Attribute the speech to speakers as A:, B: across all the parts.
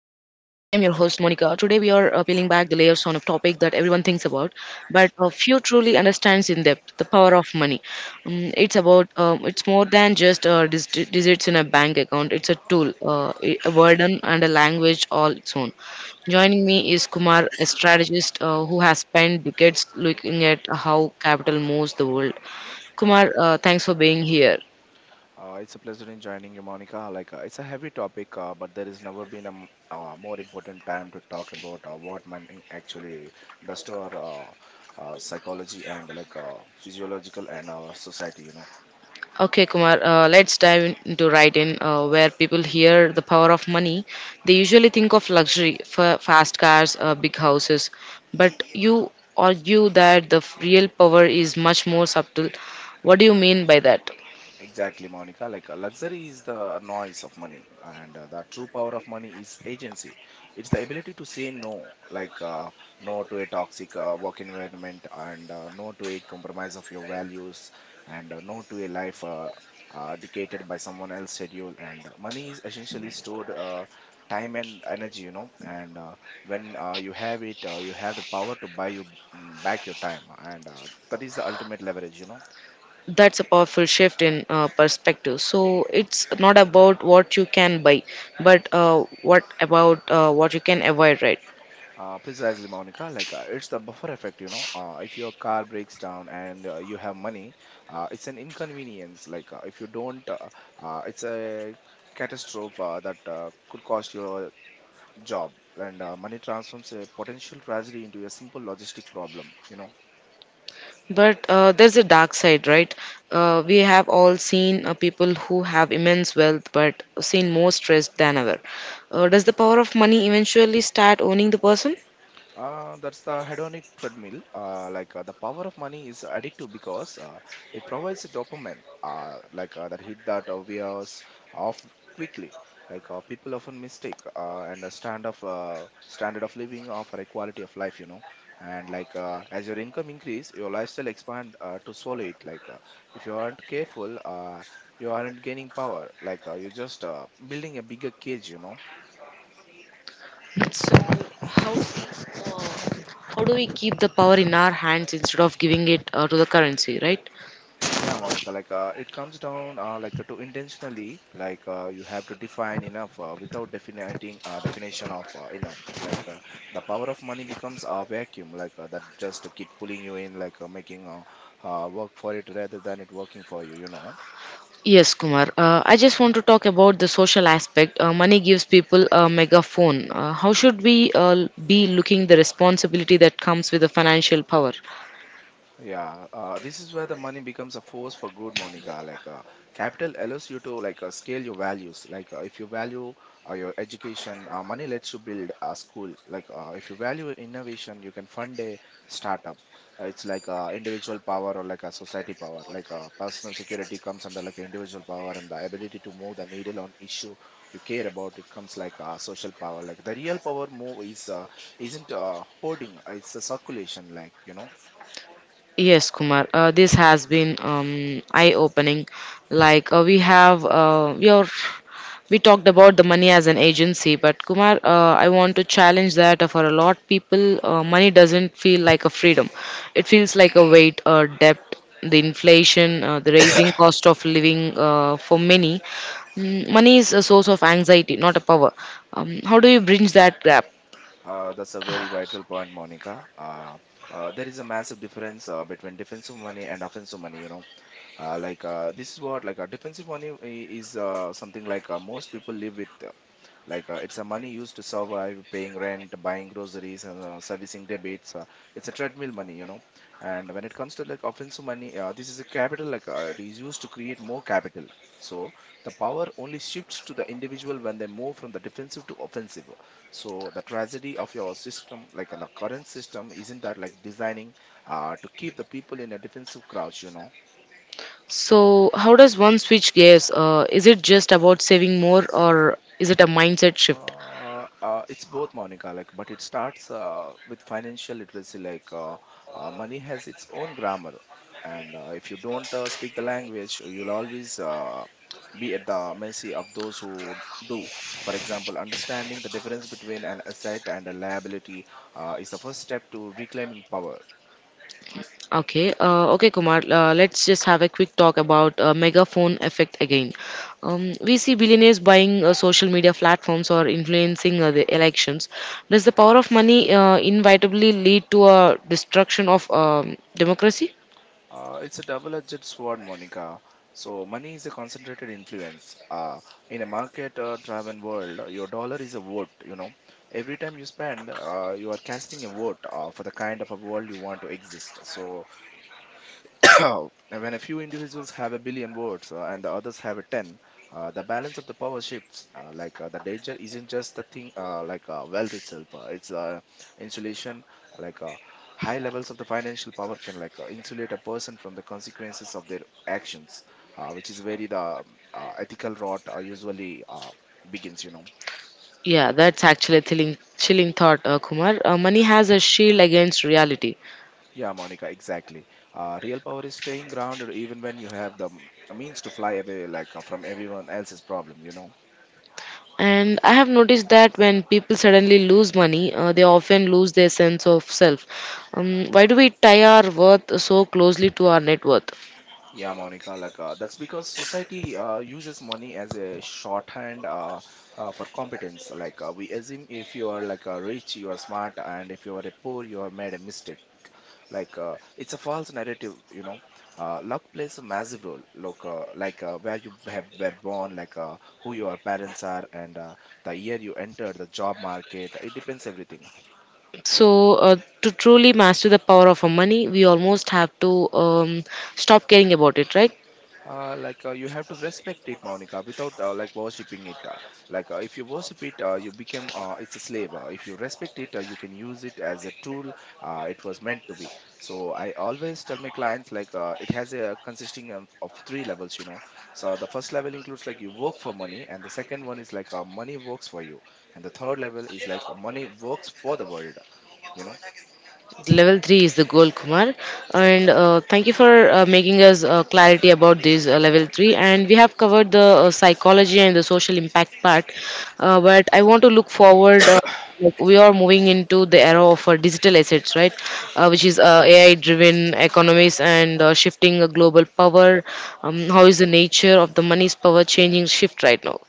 A: Monica. Today we are peeling back the layers on a topic that everyone thinks about, but few truly understands in depth: the power of money. It's more than just digits in a bank account. It's a tool, a burden, and a language all its own. Joining me is Kumar, a strategist who has spent decades looking at how capital moves the world. Kumar, thanks for being here.
B: It's a pleasure in joining you, Monica. It's a heavy topic, but there has never been a more important time to talk about what money actually does to our psychology and physiological and our society. You know.
A: Okay, Kumar, let's dive in- into right in where people hear the power of money. They usually think of luxury, fast cars, big houses. But you argue that the real power is much more subtle. What do you mean by that?
B: Exactly, Monica. Luxury is the noise of money, and the true power of money is agency. It's the ability to say no, no to a toxic work environment, and no to a compromise of your values, and no to a life dictated by someone else's schedule. And money is essentially stored time and energy, you know. And when you have it, you have the power to buy you back your time, and that is the ultimate leverage, you know.
A: That's a powerful shift in perspective. So it's not about what you can buy, but what you can avoid, right?
B: Precisely, Monica. It's the buffer effect, you know. If your car breaks down and you have money, it's an inconvenience. If you don't, it's a catastrophe that could cost your job. And money transforms a potential tragedy into a simple logistic problem. You know.
A: But there's a dark side, right? We have all seen people who have immense wealth but seem more stressed than ever. Does the power of money eventually start owning the person?
B: That's the hedonic treadmill. The power of money is addictive because it provides a dopamine, that hit that wears off quickly. People often mistake and a stand of standard of living for a quality of life, you know. And as your income increase, your lifestyle expand to swallow it. If you aren't careful, you aren't gaining power. You're just building a bigger cage, you know.
A: So, how do we, uh, how do we keep the power in our hands instead of giving it to the currency, right?
B: Yeah, Monica, it comes down to intentionally, you have to define enough without defining definition of enough. The power of money becomes a vacuum, that just keep pulling you in, making work for it rather than it working for you. You know.
A: Yes, Kumar. I just want to talk about the social aspect. Money gives people a megaphone. How should we be looking the responsibility that comes with the financial power?
B: Yeah, this is where the money becomes a force for good, Monica. Capital allows you to scale your values. Like, if you value your education, money lets you build a school. Like, if you value innovation, you can fund a startup. It's individual power or like a society power. Like, personal security comes under like individual power, and the ability to move the needle on issue you care about. It comes social power. Like, the real power move is isn't hoarding, it's a circulation, like, you know.
A: Yes, Kumar. This has been eye-opening. Like we have, we are, We talked about the money as an agency, but Kumar, I want to challenge that for a lot people, money doesn't feel like a freedom. It feels like a weight, a debt, the inflation, the rising cost of living for many. Money is a source of anxiety, not a power. How do you bridge that gap?
B: That's a very vital point, Monica. There is a massive difference between defensive money and offensive money. You know, this is what like a defensive money is something most people live with. It's a money used to survive, paying rent, buying groceries, and servicing debits. It's a treadmill money, you know. And when it comes to like offensive money, this is a capital. It is used to create more capital. So the power only shifts to the individual when they move from the defensive to offensive. So the tragedy of your system, the current system, isn't that like designing to keep the people in a defensive crouch, you know.
A: So, how does one switch gears? Is it just about saving more, or is it a mindset shift?
B: It's both, Monica. Like, but it starts with financial literacy. Money has its own grammar, and if you don't speak the language, you'll always be at the mercy of those who do. For example, understanding the difference between an asset and a liability is the first step to reclaiming power.
A: Okay, Kumar. Let's just have a quick talk about megaphone effect again. We see billionaires buying social media platforms or influencing the elections. Does the power of money inevitably lead to a destruction of democracy?
B: It's a double-edged sword, Monica. So money is a concentrated influence. In a market-driven world, your dollar is a vote. You know, every time you spend, you are casting a vote for the kind of a world you want to exist. So when a few individuals have a billion words and the others have a 10, the balance of the power shifts the danger isn't just the thing wealth itself it's insulation. like uh, High levels of the financial power can insulate a person from the consequences of their actions which is where the ethical rot usually begins, you know.
A: Yeah, that's actually a thrilling, chilling thought, Kumar. Money has a shield against reality.
B: Yeah, Monica, exactly. Real power is staying grounded even when you have the means to fly away from everyone else's problem, you know.
A: And I have noticed that when people suddenly lose money, they often lose their sense of self. Why do we tie our worth so closely to our net worth?
B: Yeah, Monica, that's because society uses money as a shorthand for competence. We assume if you are rich, you are smart, and if you are a poor, you have made a mistake. It's a false narrative, you know. Luck plays a massive role. Where you have were born, who your parents are, and the year you entered the job market. It depends everything.
A: So, to truly master the power of our money, we almost have to stop caring about it, right?
B: You have to respect it, Monica, without worshipping it. If you worship it, you become it's a slave. If you respect it, you can use it as a tool. It was meant to be. So I always tell my clients it has a consisting of three levels. You know, so the first level includes like you work for money, and the second one is money works for you, and the third level is money works for the world. You know.
A: Level 3 is the goal, Kumar. And thank you for making us clarity about this level 3. And we have covered the psychology and the social impact part. But I want to look forward. Like we are moving into the era of digital assets, right? Which is AI-driven economies and shifting global power. How is the nature of the money's power changing shift right now?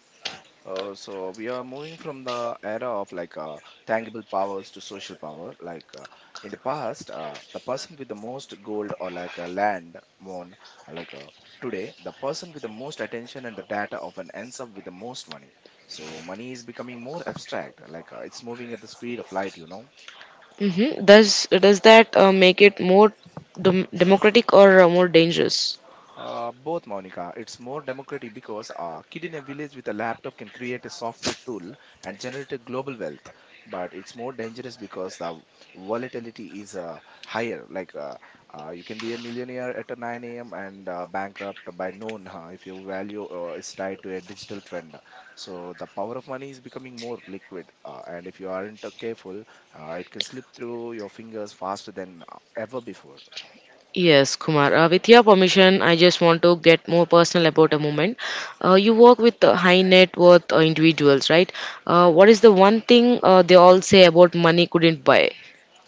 B: So we are moving from the era of tangible powers to social power. In the past, the person with the most gold or land won. Like uh, Today, the person with the most attention and the data often ends up with the most money. So money is becoming more abstract. It's moving at the speed of light. You know.
A: Does that make it more democratic or more dangerous?
B: Both, Monica. It's more democratic because a kid in a village with a laptop can create a software tool and generate a global wealth. But it's more dangerous because the volatility is higher. You can be a millionaire at a 9 a.m. and bankrupt by noon if your value is tied to a digital trend. So the power of money is becoming more liquid, and if you aren't careful, it can slip through your fingers faster than ever before.
A: Yes, Kumar. With your permission, I just want to get more personal about a moment. You work with high net worth individuals, right? What is the one thing they all say about money couldn't buy?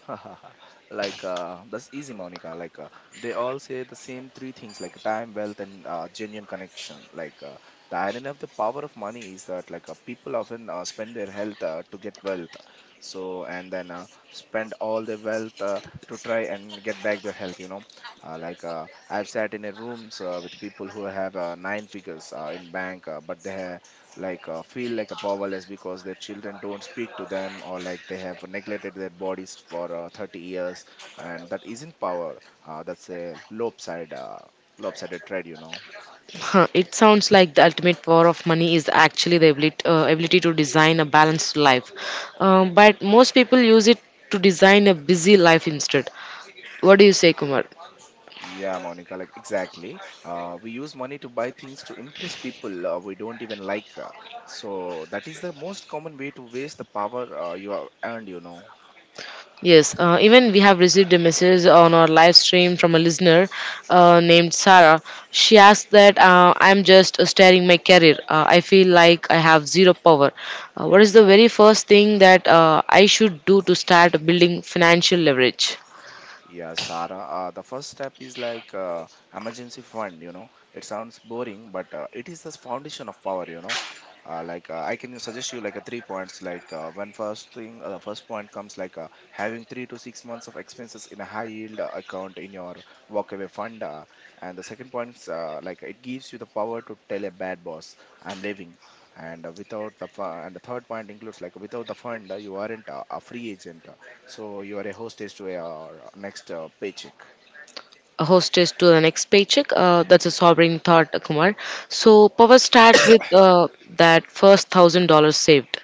B: That's easy, Monica. They all say the same three things: like time, wealth, and genuine connection. The irony of the power of money is that people often spend their health to get wealth, so and then spend all their wealth to try and get back their health, you know. I've sat in a rooms with people who have nine figures in bank but they feel like a powerless because their children don't speak to them or like they have neglected their bodies for 30 years, and that isn't power. That's a lopsided trade, you know.
A: It sounds like the ultimate power of money is actually the ability to design a balanced life. But most people use it to design a busy life instead. What do you say, Kumar?
B: Yeah, Monica, like exactly. We use money to buy things to impress people we don't even like so that is the most common way to waste the power you have earned, you know.
A: Yes, even we have received a message on our live stream from a listener named Sarah. She asked that I'm just staring my career. I feel like I have zero power. What is the very first thing that I should do to start building financial leverage?
B: Yeah, Sara. The first step is emergency fund. You know, it sounds boring, but it is the foundation of power. You know, I can suggest you like a 3 points. The first point comes having 3 to 6 months of expenses in a high yield account in your walkaway fund, and the second point is it gives you the power to tell a bad boss, "I'm leaving." And without the fu- and the third point includes like without the fund, you aren't a free agent, so you are a hostess to your next paycheck.
A: A hostess to the next paycheck. That's a sobering thought, Kumar. So power starts with that first $1,000 saved.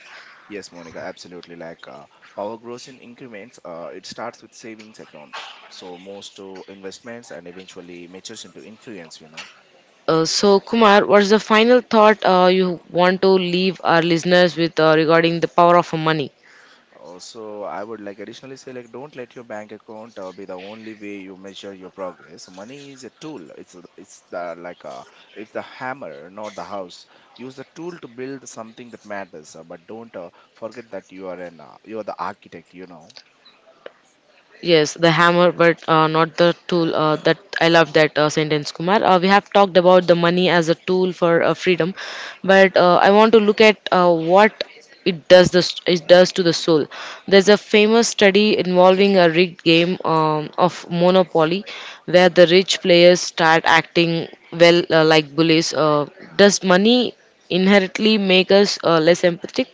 B: Yes, Monica, absolutely. Power grows in increments. It starts with savings account. So moves to investments and eventually matures into influence. You know.
A: So, Kumar, what's the final thought you want to leave our listeners with regarding the power of money?
B: Also, I would like additionally say like don't let your bank account be the only way you measure your progress. Money is a tool. It's a- it's the like It's the hammer, not the house. Use the tool to build something that matters. But don't forget that you are the architect.
A: Yes, the hammer, but not the tool. That I love that sentence, Kumar. We have talked about the money as a tool for freedom, but I want to look at what it does to the soul. There's a famous study involving a rigged game of Monopoly, where the rich players start acting well like bullies. Does money inherently make us less empathetic?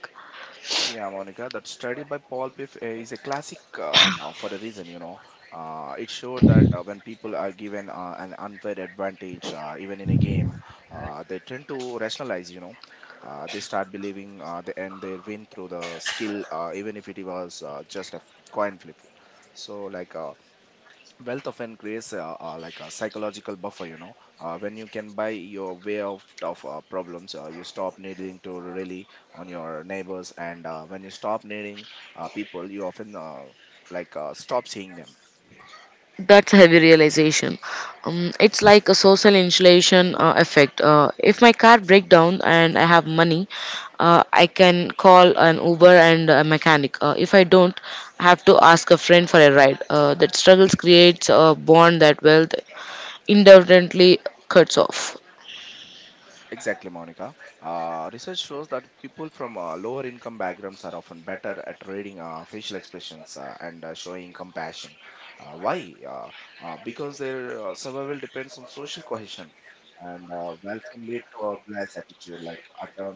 B: Yeah, Monica, that study by Paul Piff is a classic for a reason, you know. It showed that when people are given an unfair advantage, even in a game, they tend to rationalize, you know. They start believing they win through the skill, even if it was coin flip. So, like, uh, Wealth often creates like a psychological buffer, you know. When you can buy your way of problems, you stop needing to rely on your neighbors, and when you stop needing people, you often stop seeing them.
A: That's a heavy realization. It's like a social insulation effect. If my car breaks down and I have money, I can call an Uber and a mechanic. If I don't, I have to ask a friend for a ride. That struggles creates a bond that wealth independently cuts off.
B: Exactly, Monica. Research shows that people from lower income backgrounds are often better at reading facial expressions and showing compassion. Why? Because their survival depends on social cohesion, and welcome lead to a glass attitude like Atom,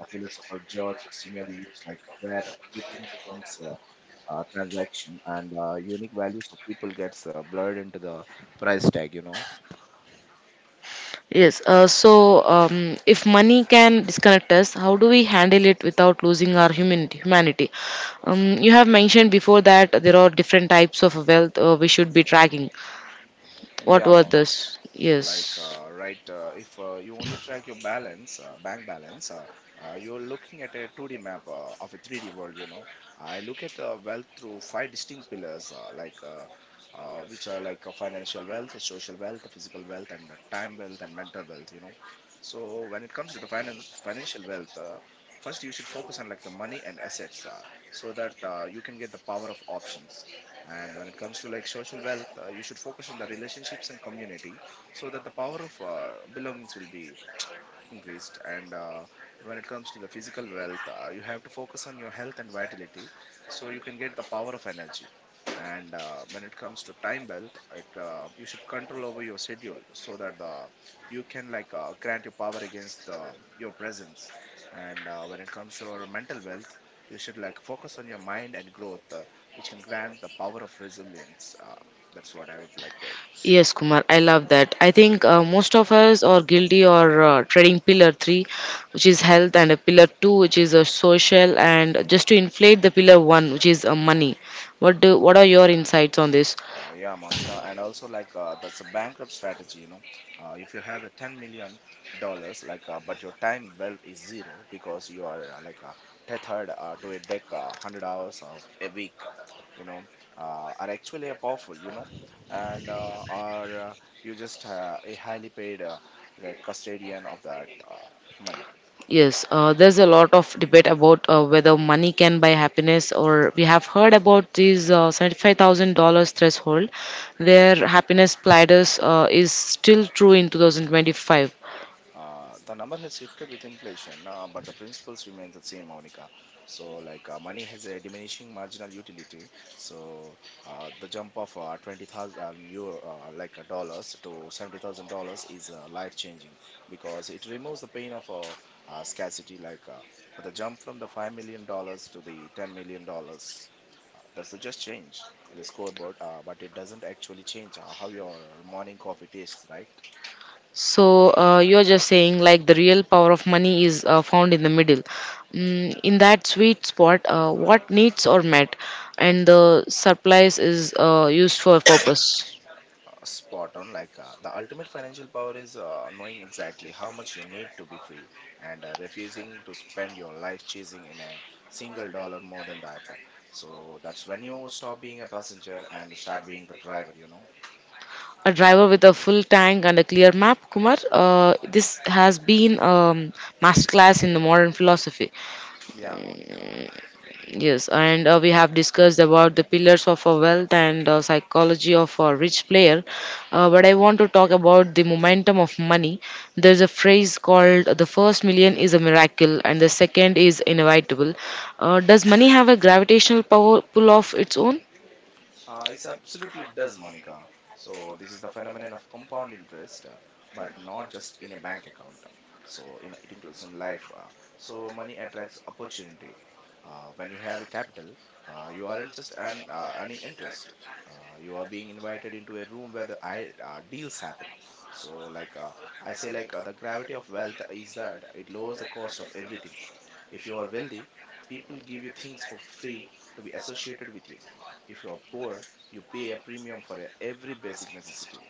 B: a philosopher George. Similarly, like, where everything becomes a transaction, and unique values of people gets blurred into the price tag, you know.
A: Yes, so if money can disconnect us, how do we handle it without losing our human humanity? You have mentioned before that there are different types of wealth we should be tracking. What
B: Yeah,
A: were those? Yes.
B: if you only track your balance, bank balance, you're looking at a 2d map of a 3d world, you know. I look at wealth through five distinct pillars, which are like financial wealth, social wealth, physical wealth, and time wealth, and mental wealth, you know. So when it comes to the finance financial wealth, first you should focus on like the money and assets, so that you can get the power of options. And when it comes to like social wealth, you should focus on the relationships and community, so that the power of belongings will be increased. And when it comes to the physical wealth, you have to focus on your health and vitality, so you can get the power of energy. And when it comes to time wealth it, you should control over your schedule so that you can grant your power against your presence. And when it comes to your mental wealth, you should like focus on your mind and growth, which can grant the power of resilience. That's what I would like to share.
A: Yes, Kumar, I love that. I think most of us are guilty or treading pillar three, which is health, and a pillar two, which is a social, and just to inflate the pillar one, which is money. What are your insights on this?
B: Yeah, Monica, and also that's a bankrupt strategy, you know. If you have a $10 million, but your time wealth is zero because you are tethered to a deck hundred hours of a week, you know, are actually a powerful, you know, and are you just a highly paid custodian of that money.
A: Yes, there's a lot of debate about whether money can buy happiness, or we have heard about this $75,000 threshold, where happiness platters is still true in 2025.
B: The number has shifted with inflation, but the principles remains the same, Monica. So, money has a diminishing marginal utility. So, the jump of €20,000, dollars, to $70,000 is life changing because it removes the pain of scarcity. The jump from the $5 million to the $10 million, that's the just change in the scoreboard, but it doesn't actually change how your morning coffee tastes, right?
A: So you're just saying like the real power of money is found in the middle, in that sweet spot. What needs are met, and the surplus is used for a purpose.
B: Spot on. The ultimate financial power is knowing exactly how much you need to be free and refusing to spend your life chasing in a single dollar more than that. So that's when you stop being a passenger and start being the driver, you know.
A: A driver with a full tank and a clear map, Kumar. This has been a masterclass in the modern philosophy.
B: Yeah, Monica.
A: Yes, and we have discussed about the pillars of our wealth and psychology of a rich player. But I want to talk about the momentum of money. There's a phrase called the first million is a miracle and the second is inevitable. Does money have a gravitational power pull of its own?
B: It's absolutely does, Monica. So this is the phenomenon of compound interest, but not just in a bank account. So in, it includes in life. So money attracts opportunity. When you have a capital, you aren't just earning interest. You are being invited into a room where the deals happen. So like uh, I say, the gravity of wealth is that it lowers the cost of everything. If you are wealthy, people give you things for free to be associated with you. If you're poor, you pay a premium for every basic necessity.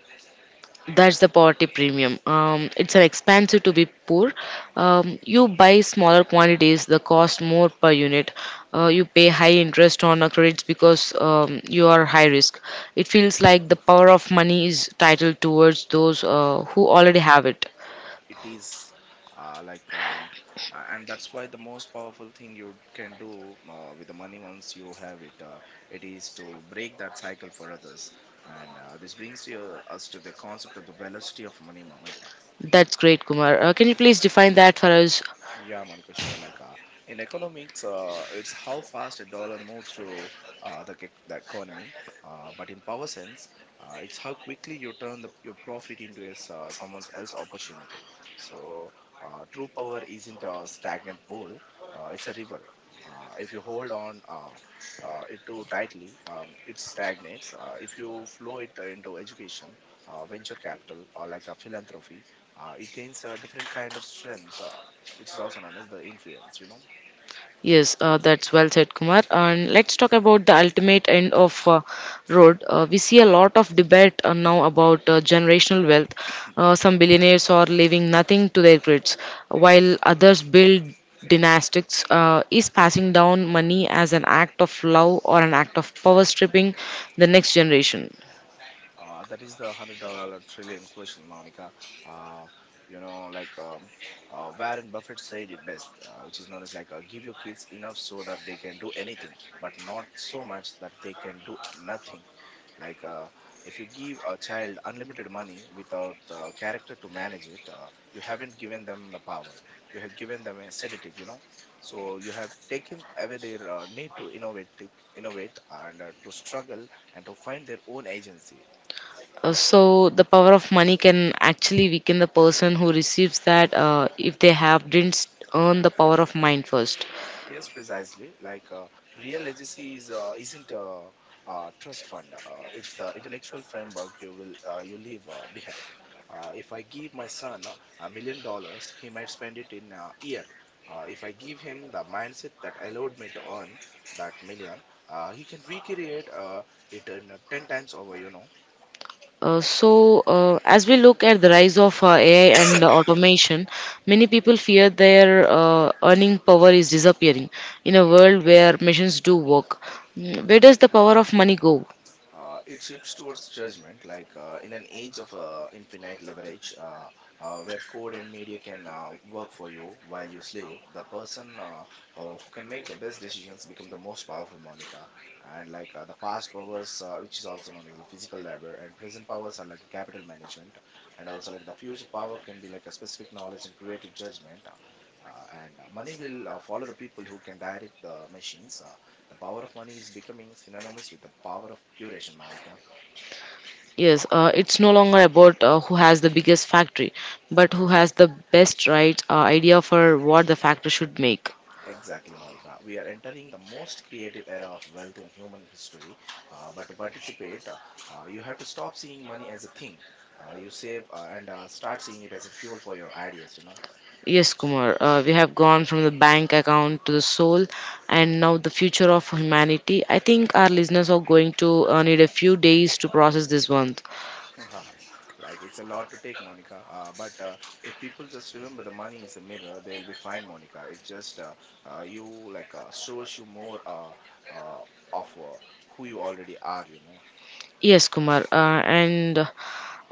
A: That's the poverty premium. It's an expensive to be poor. You buy smaller quantities, the cost more per unit. You pay high interest on a credits because you are high risk. It feels like the power of money is titled towards those who already have it.
B: It is uh, like, um, and that's why the most powerful thing you can do with the money once you have it, it is to break that cycle for others. And this brings us to the concept of the velocity of money, Monica.
A: That's great, Kumar. Can you please define that for us?
B: Yeah, Monica, sure. In economics, it's how fast a dollar moves through the economy. But in power sense, it's how quickly you turn your profit into someone else's opportunity. So true power isn't a stagnant pool; it's a river. If you hold on it too tightly, it stagnates. If you flow it into education, venture capital, or like a philanthropy, it gains a different kind of strength, which is also known as the influence, you know.
A: Yes, that's well said, Kumar. And let's talk about the ultimate end of road. We see a lot of debate now about generational wealth. Some billionaires are leaving nothing to their kids, while others build dynastics. Is passing down money as an act of love or an act of power stripping the next generation?
B: That is the $100 trillion question, Monica. Uh, you know, Warren Buffett said it best, which is known as give your kids enough so that they can do anything, but not so much that they can do nothing. Like uh, if you give a child unlimited money without the character to manage it, you haven't given them the power. You have given them a sedative, you know. So you have taken away their need to innovate, and to struggle and to find their own agency.
A: So the power of money can actually weaken the person who receives that if they have didn't earn the power of mind first.
B: Yes, precisely. Real legacy is isn't a trust fund. It's the intellectual framework you will you leave behind. If I give my son $1 million, he might spend it in a year. If I give him the mindset that allowed me to earn that million, he can recreate it in ten times over. You know.
A: As we look at the rise of AI and automation, many people fear their earning power is disappearing in a world where machines do work. Where does the power of money go?
B: It shifts towards judgment, in an age of infinite leverage, where code and media can work for you while you sleep. The person who can make the best decisions become the most powerful, Monica. And the past powers, which is also known as the physical labor, and present powers are like a capital management, and also like the future power can be like a specific knowledge and creative judgment. And Money will follow the people who can direct the machines. The power of money is becoming synonymous with the power of curation, Monica.
A: Yes, it's no longer about who has the biggest factory, but who has the best right idea for what the factory should make.
B: Exactly, Monica. We are entering the most creative era of wealth in human history. But to participate, you have to stop seeing money as a thing. You save and start seeing it as a fuel for your ideas, you know.
A: Yes, Kumar, we have gone from the bank account to the soul and now the future of humanity. I think our listeners are going to need a few days to process this one.
B: Like, it's a lot to take, Monica. But If people just remember the money is a mirror, they will be fine, Monica. It's just you shows you more uh, of who you already are, you know.
A: Yes, Kumar, uh, and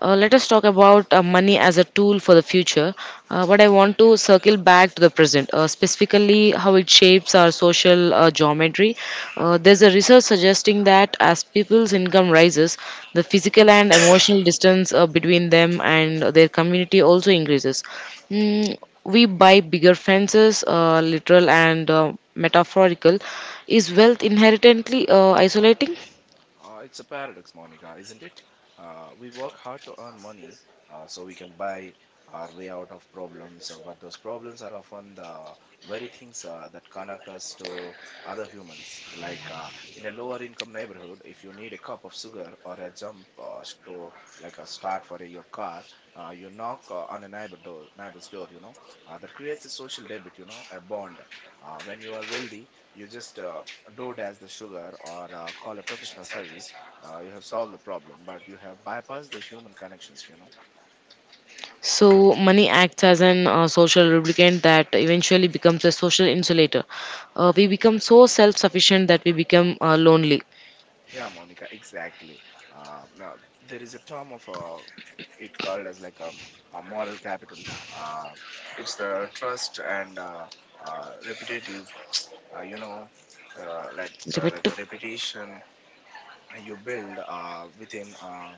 A: Uh, let us talk about money as a tool for the future. But I want to circle back to the present, specifically how it shapes our social geometry. There's a research suggesting that as people's income rises, the physical and emotional distance between them and their community also increases. Mm, we buy bigger fences, literal and metaphorical. Is wealth inherently isolating?
B: It's a paradox, Monica, isn't it? We work hard to earn money so we can buy our way out of problems, but those problems are often the very things that connect us to other humans. In a lower income neighborhood, if you need a cup of sugar or a jump to like a start for your car, you knock on a neighbor's door, you know, that creates a social debit, you know, a bond. When you are wealthy, you just do dash the sugar or call a professional service, you have solved the problem, but you have bypassed the human connections, you know.
A: So, money acts as an social lubricant that eventually becomes a social insulator. We become so self sufficient that we become lonely.
B: Yeah, Monica, exactly. Now, there is a term of it called as a moral capital. Uh, it's the trust and repetitive, you know, let's
A: Repeat.
B: reputation you build within uh,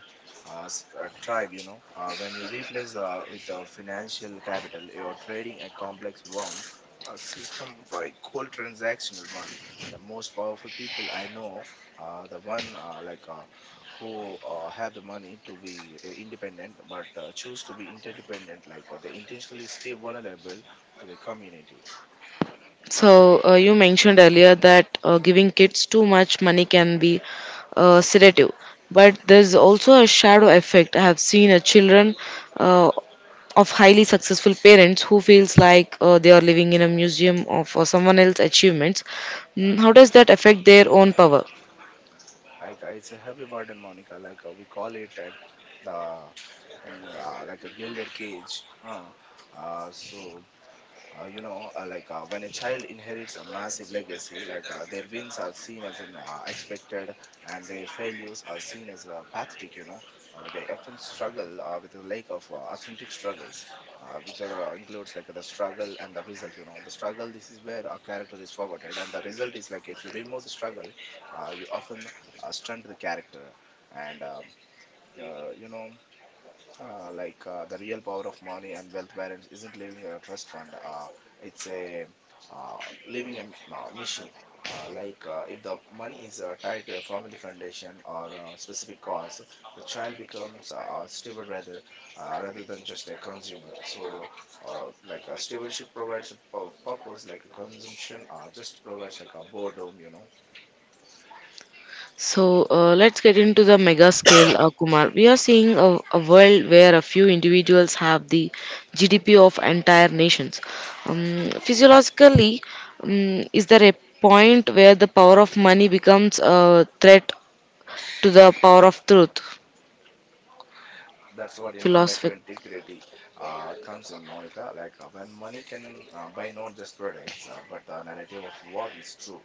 B: uh, s- a tribe, you know. When you replace with financial capital, you're trading a complex worm, a system for a cold transactional one. The most powerful people I know, the one who have the money to be independent, but choose to be interdependent. They intentionally stay vulnerable to the community.
A: So, you mentioned earlier that giving kids too much money can be sedative, but there's also a shadow effect. I have seen a children uh, of highly successful parents who feels like they are living in a museum of someone else's achievements. How does that affect their own power?
B: It's a heavy burden, Monica. We call it at the like a gilded cage. Huh? uh, so when a child inherits a massive legacy, their wins are seen as an expected, and their failures are seen as pathetic, they often struggle with a lack of authentic struggles, which are includes like the struggle and the result. You know, the struggle, this is where a character is forgotten, and the result is like if you remove the struggle, you often stunt the character. And you know like The real power of money and wealth balance isn't living a trust fund. It's a, uh, living a mission. If the money is tied to a family foundation or a specific cause, the child becomes a steward rather than just a consumer. So, a stewardship provides a purpose, like a consumption just provides like a boredom, you know.
A: So let's get into the mega scale, Kumar. We are seeing a world where a few individuals have the GDP of entire nations. Physiologically, is there a point where the power of money becomes a threat to the power of truth?
B: That's what informative
A: Philosophic.
B: integrity comes in, Monica. When money can buy not just products, but the narrative of what is true,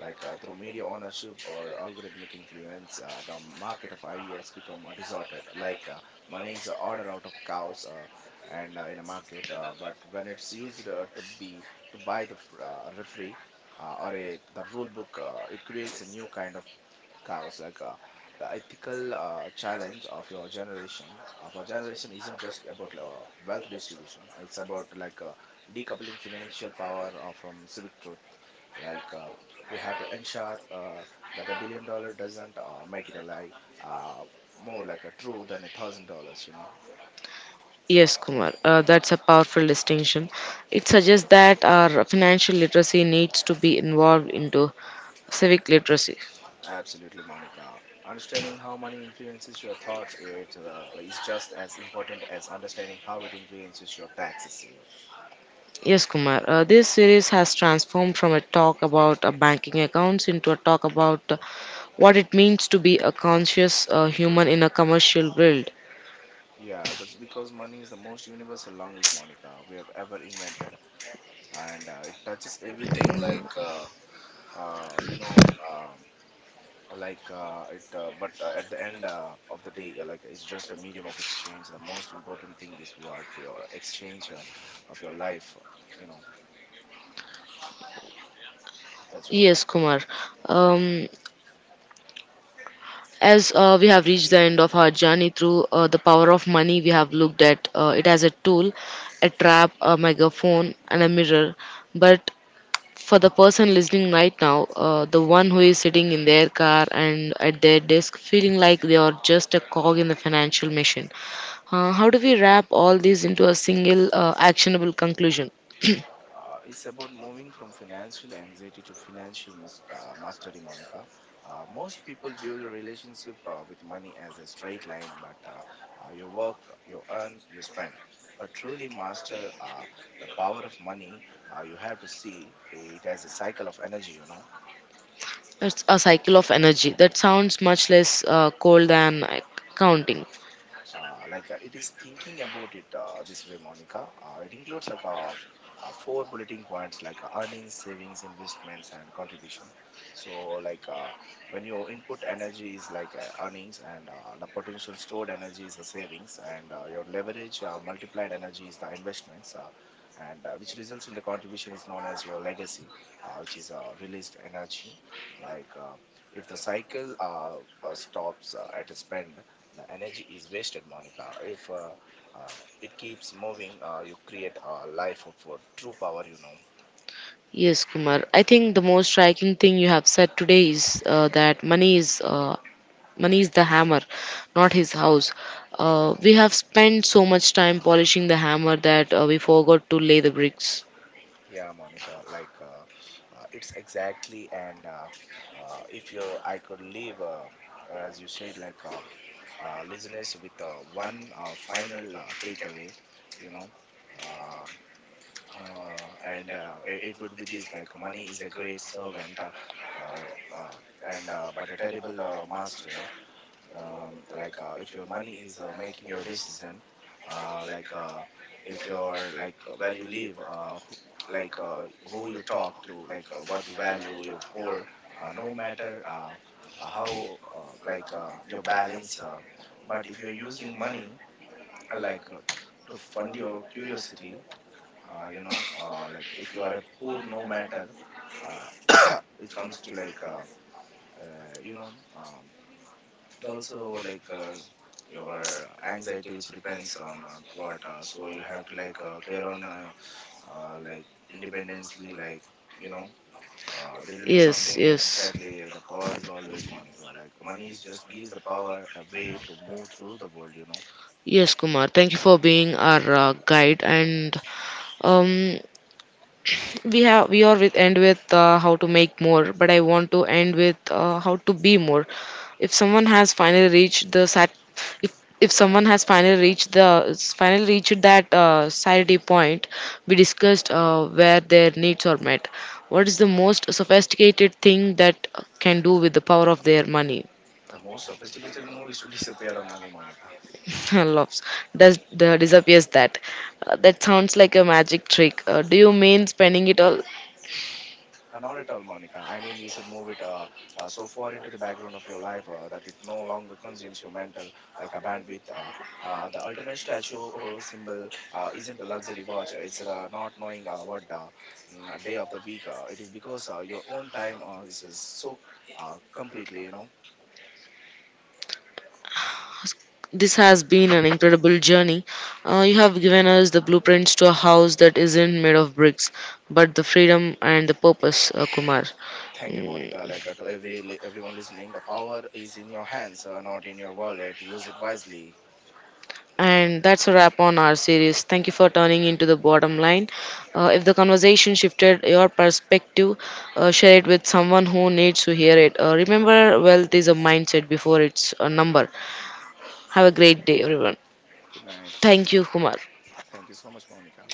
B: through media ownership or algorithmic influence, the market of ideas become distorted. Money is a order out of cows, and in a market, but when it's used to buy the referee or a, the rule book, it creates a new kind of cows. The ethical challenge of your generation, of our generation, isn't just about wealth distribution. It's about decoupling financial power from civic truth. Like uh, we have to ensure that a billion dollar doesn't make it a lie, uh, more like a true than a thousand dollars, you know.
A: Yes, Kumar, that's a powerful distinction. It suggests that our financial literacy needs to be involved into civic literacy.
B: Absolutely, Monica. Understanding how money influences your thoughts, is just as important as understanding how it influences your taxes, you know.
A: Yes, Kumar. This series has transformed from a talk about banking accounts into a talk about what it means to be a conscious human in a commercial world.
B: Yeah, that's because money is the most universal language, Monica, we have ever invented, and it touches everything. Like, you know, uh, like it. But At the end of the day, it's just a medium of exchange. The most important thing is what your exchange of your life, You know, that's what.
A: Yes, Kumar. Um, as we have reached the end of our journey through the power of money, we have looked at it as a tool, a trap, a megaphone, and a mirror. But for the person listening right now, the one who is sitting in their car and at their desk feeling like they are just a cog in the financial machine, how do we wrap all these into a single actionable conclusion?
B: It's about moving from financial anxiety to financial mastery, Monica. Most people view the relationship with money as a straight line, but you work, you earn, you spend. But truly master, the power of money, you have to see it as a cycle of energy, you know.
A: It's a cycle of energy. That sounds much less cold than counting.
B: It is thinking about it this way, Monica. It includes four bulleting points, earnings, savings, investments, and contribution. so like uh, when your input energy is earnings, and the potential stored energy is the savings, and your leverage multiplied energy is the investments, and which results in the contribution is known as your legacy, which is released energy. like uh, if the cycle stops at a spend, the energy is wasted, Monica. If uh, it keeps moving, you create a life of true power, you know.
A: Yes, Kumar. I think the most striking thing you have said today is that money is the hammer, not his house. We have spent so much time polishing the hammer that we forgot to lay the bricks.
B: Yeah, Monica, it's exactly. and If you I could leave, as you said, listeners with one final takeaway, you know, uh, it would be this. Like money is a great servant, uh, uh, and but a terrible master. If your money is making your decision, uh, like uh, if you're where you live, who, who you talk to, what you value, your poor, no matter how, your balance. But if you're using money, uh, like uh, to fund your curiosity, if you are a poor, no matter uh, it comes to uh, you know um, it also your anxiety, which depends on what, so you have to clear on, uh, like independently, you know there will be
A: Yes,
B: something like
A: yes.
B: exactly. The power is always, Monica, like money is just gives the power a way to move through the world, you know.
A: Yes, Kumar. Thank you for being our guide. And um, we are with end with how to make more but I want to end with how to be more. If someone has finally reached the sat if someone has finally reached the finally reached that saturday point we discussed where their needs are met, what is the most sophisticated thing that can do with the power of their money?
B: The most sophisticated move is to disappear the money, Monica.
A: Loves does the disappears that. That sounds like a magic trick. Do you mean spending it all?
B: Not at all, Monica. I mean, you should move it, so far into the background of your life that it no longer consumes your mental like a bandwidth. The ultimate statue or symbol isn't a luxury watch. It's not knowing a day of the week. It is because your own time is so completely, you know.
A: This has been an incredible journey. You have given us the blueprints to a house that isn't made of bricks, but the freedom and the purpose, Kumar.
B: Thank you, Monica.
A: Mm,
B: To every everyone listening, the power is in your hands, not in your wallet. Use it wisely.
A: And that's a wrap on our series. Thank you for turning into the bottom line. If the conversation shifted your perspective, share it with someone who needs to hear it. Remember, wealth is a mindset before it's a number. Have a great day, everyone.
B: Good night.
A: Thank you, Kumar.
B: Thank you so much, Monica.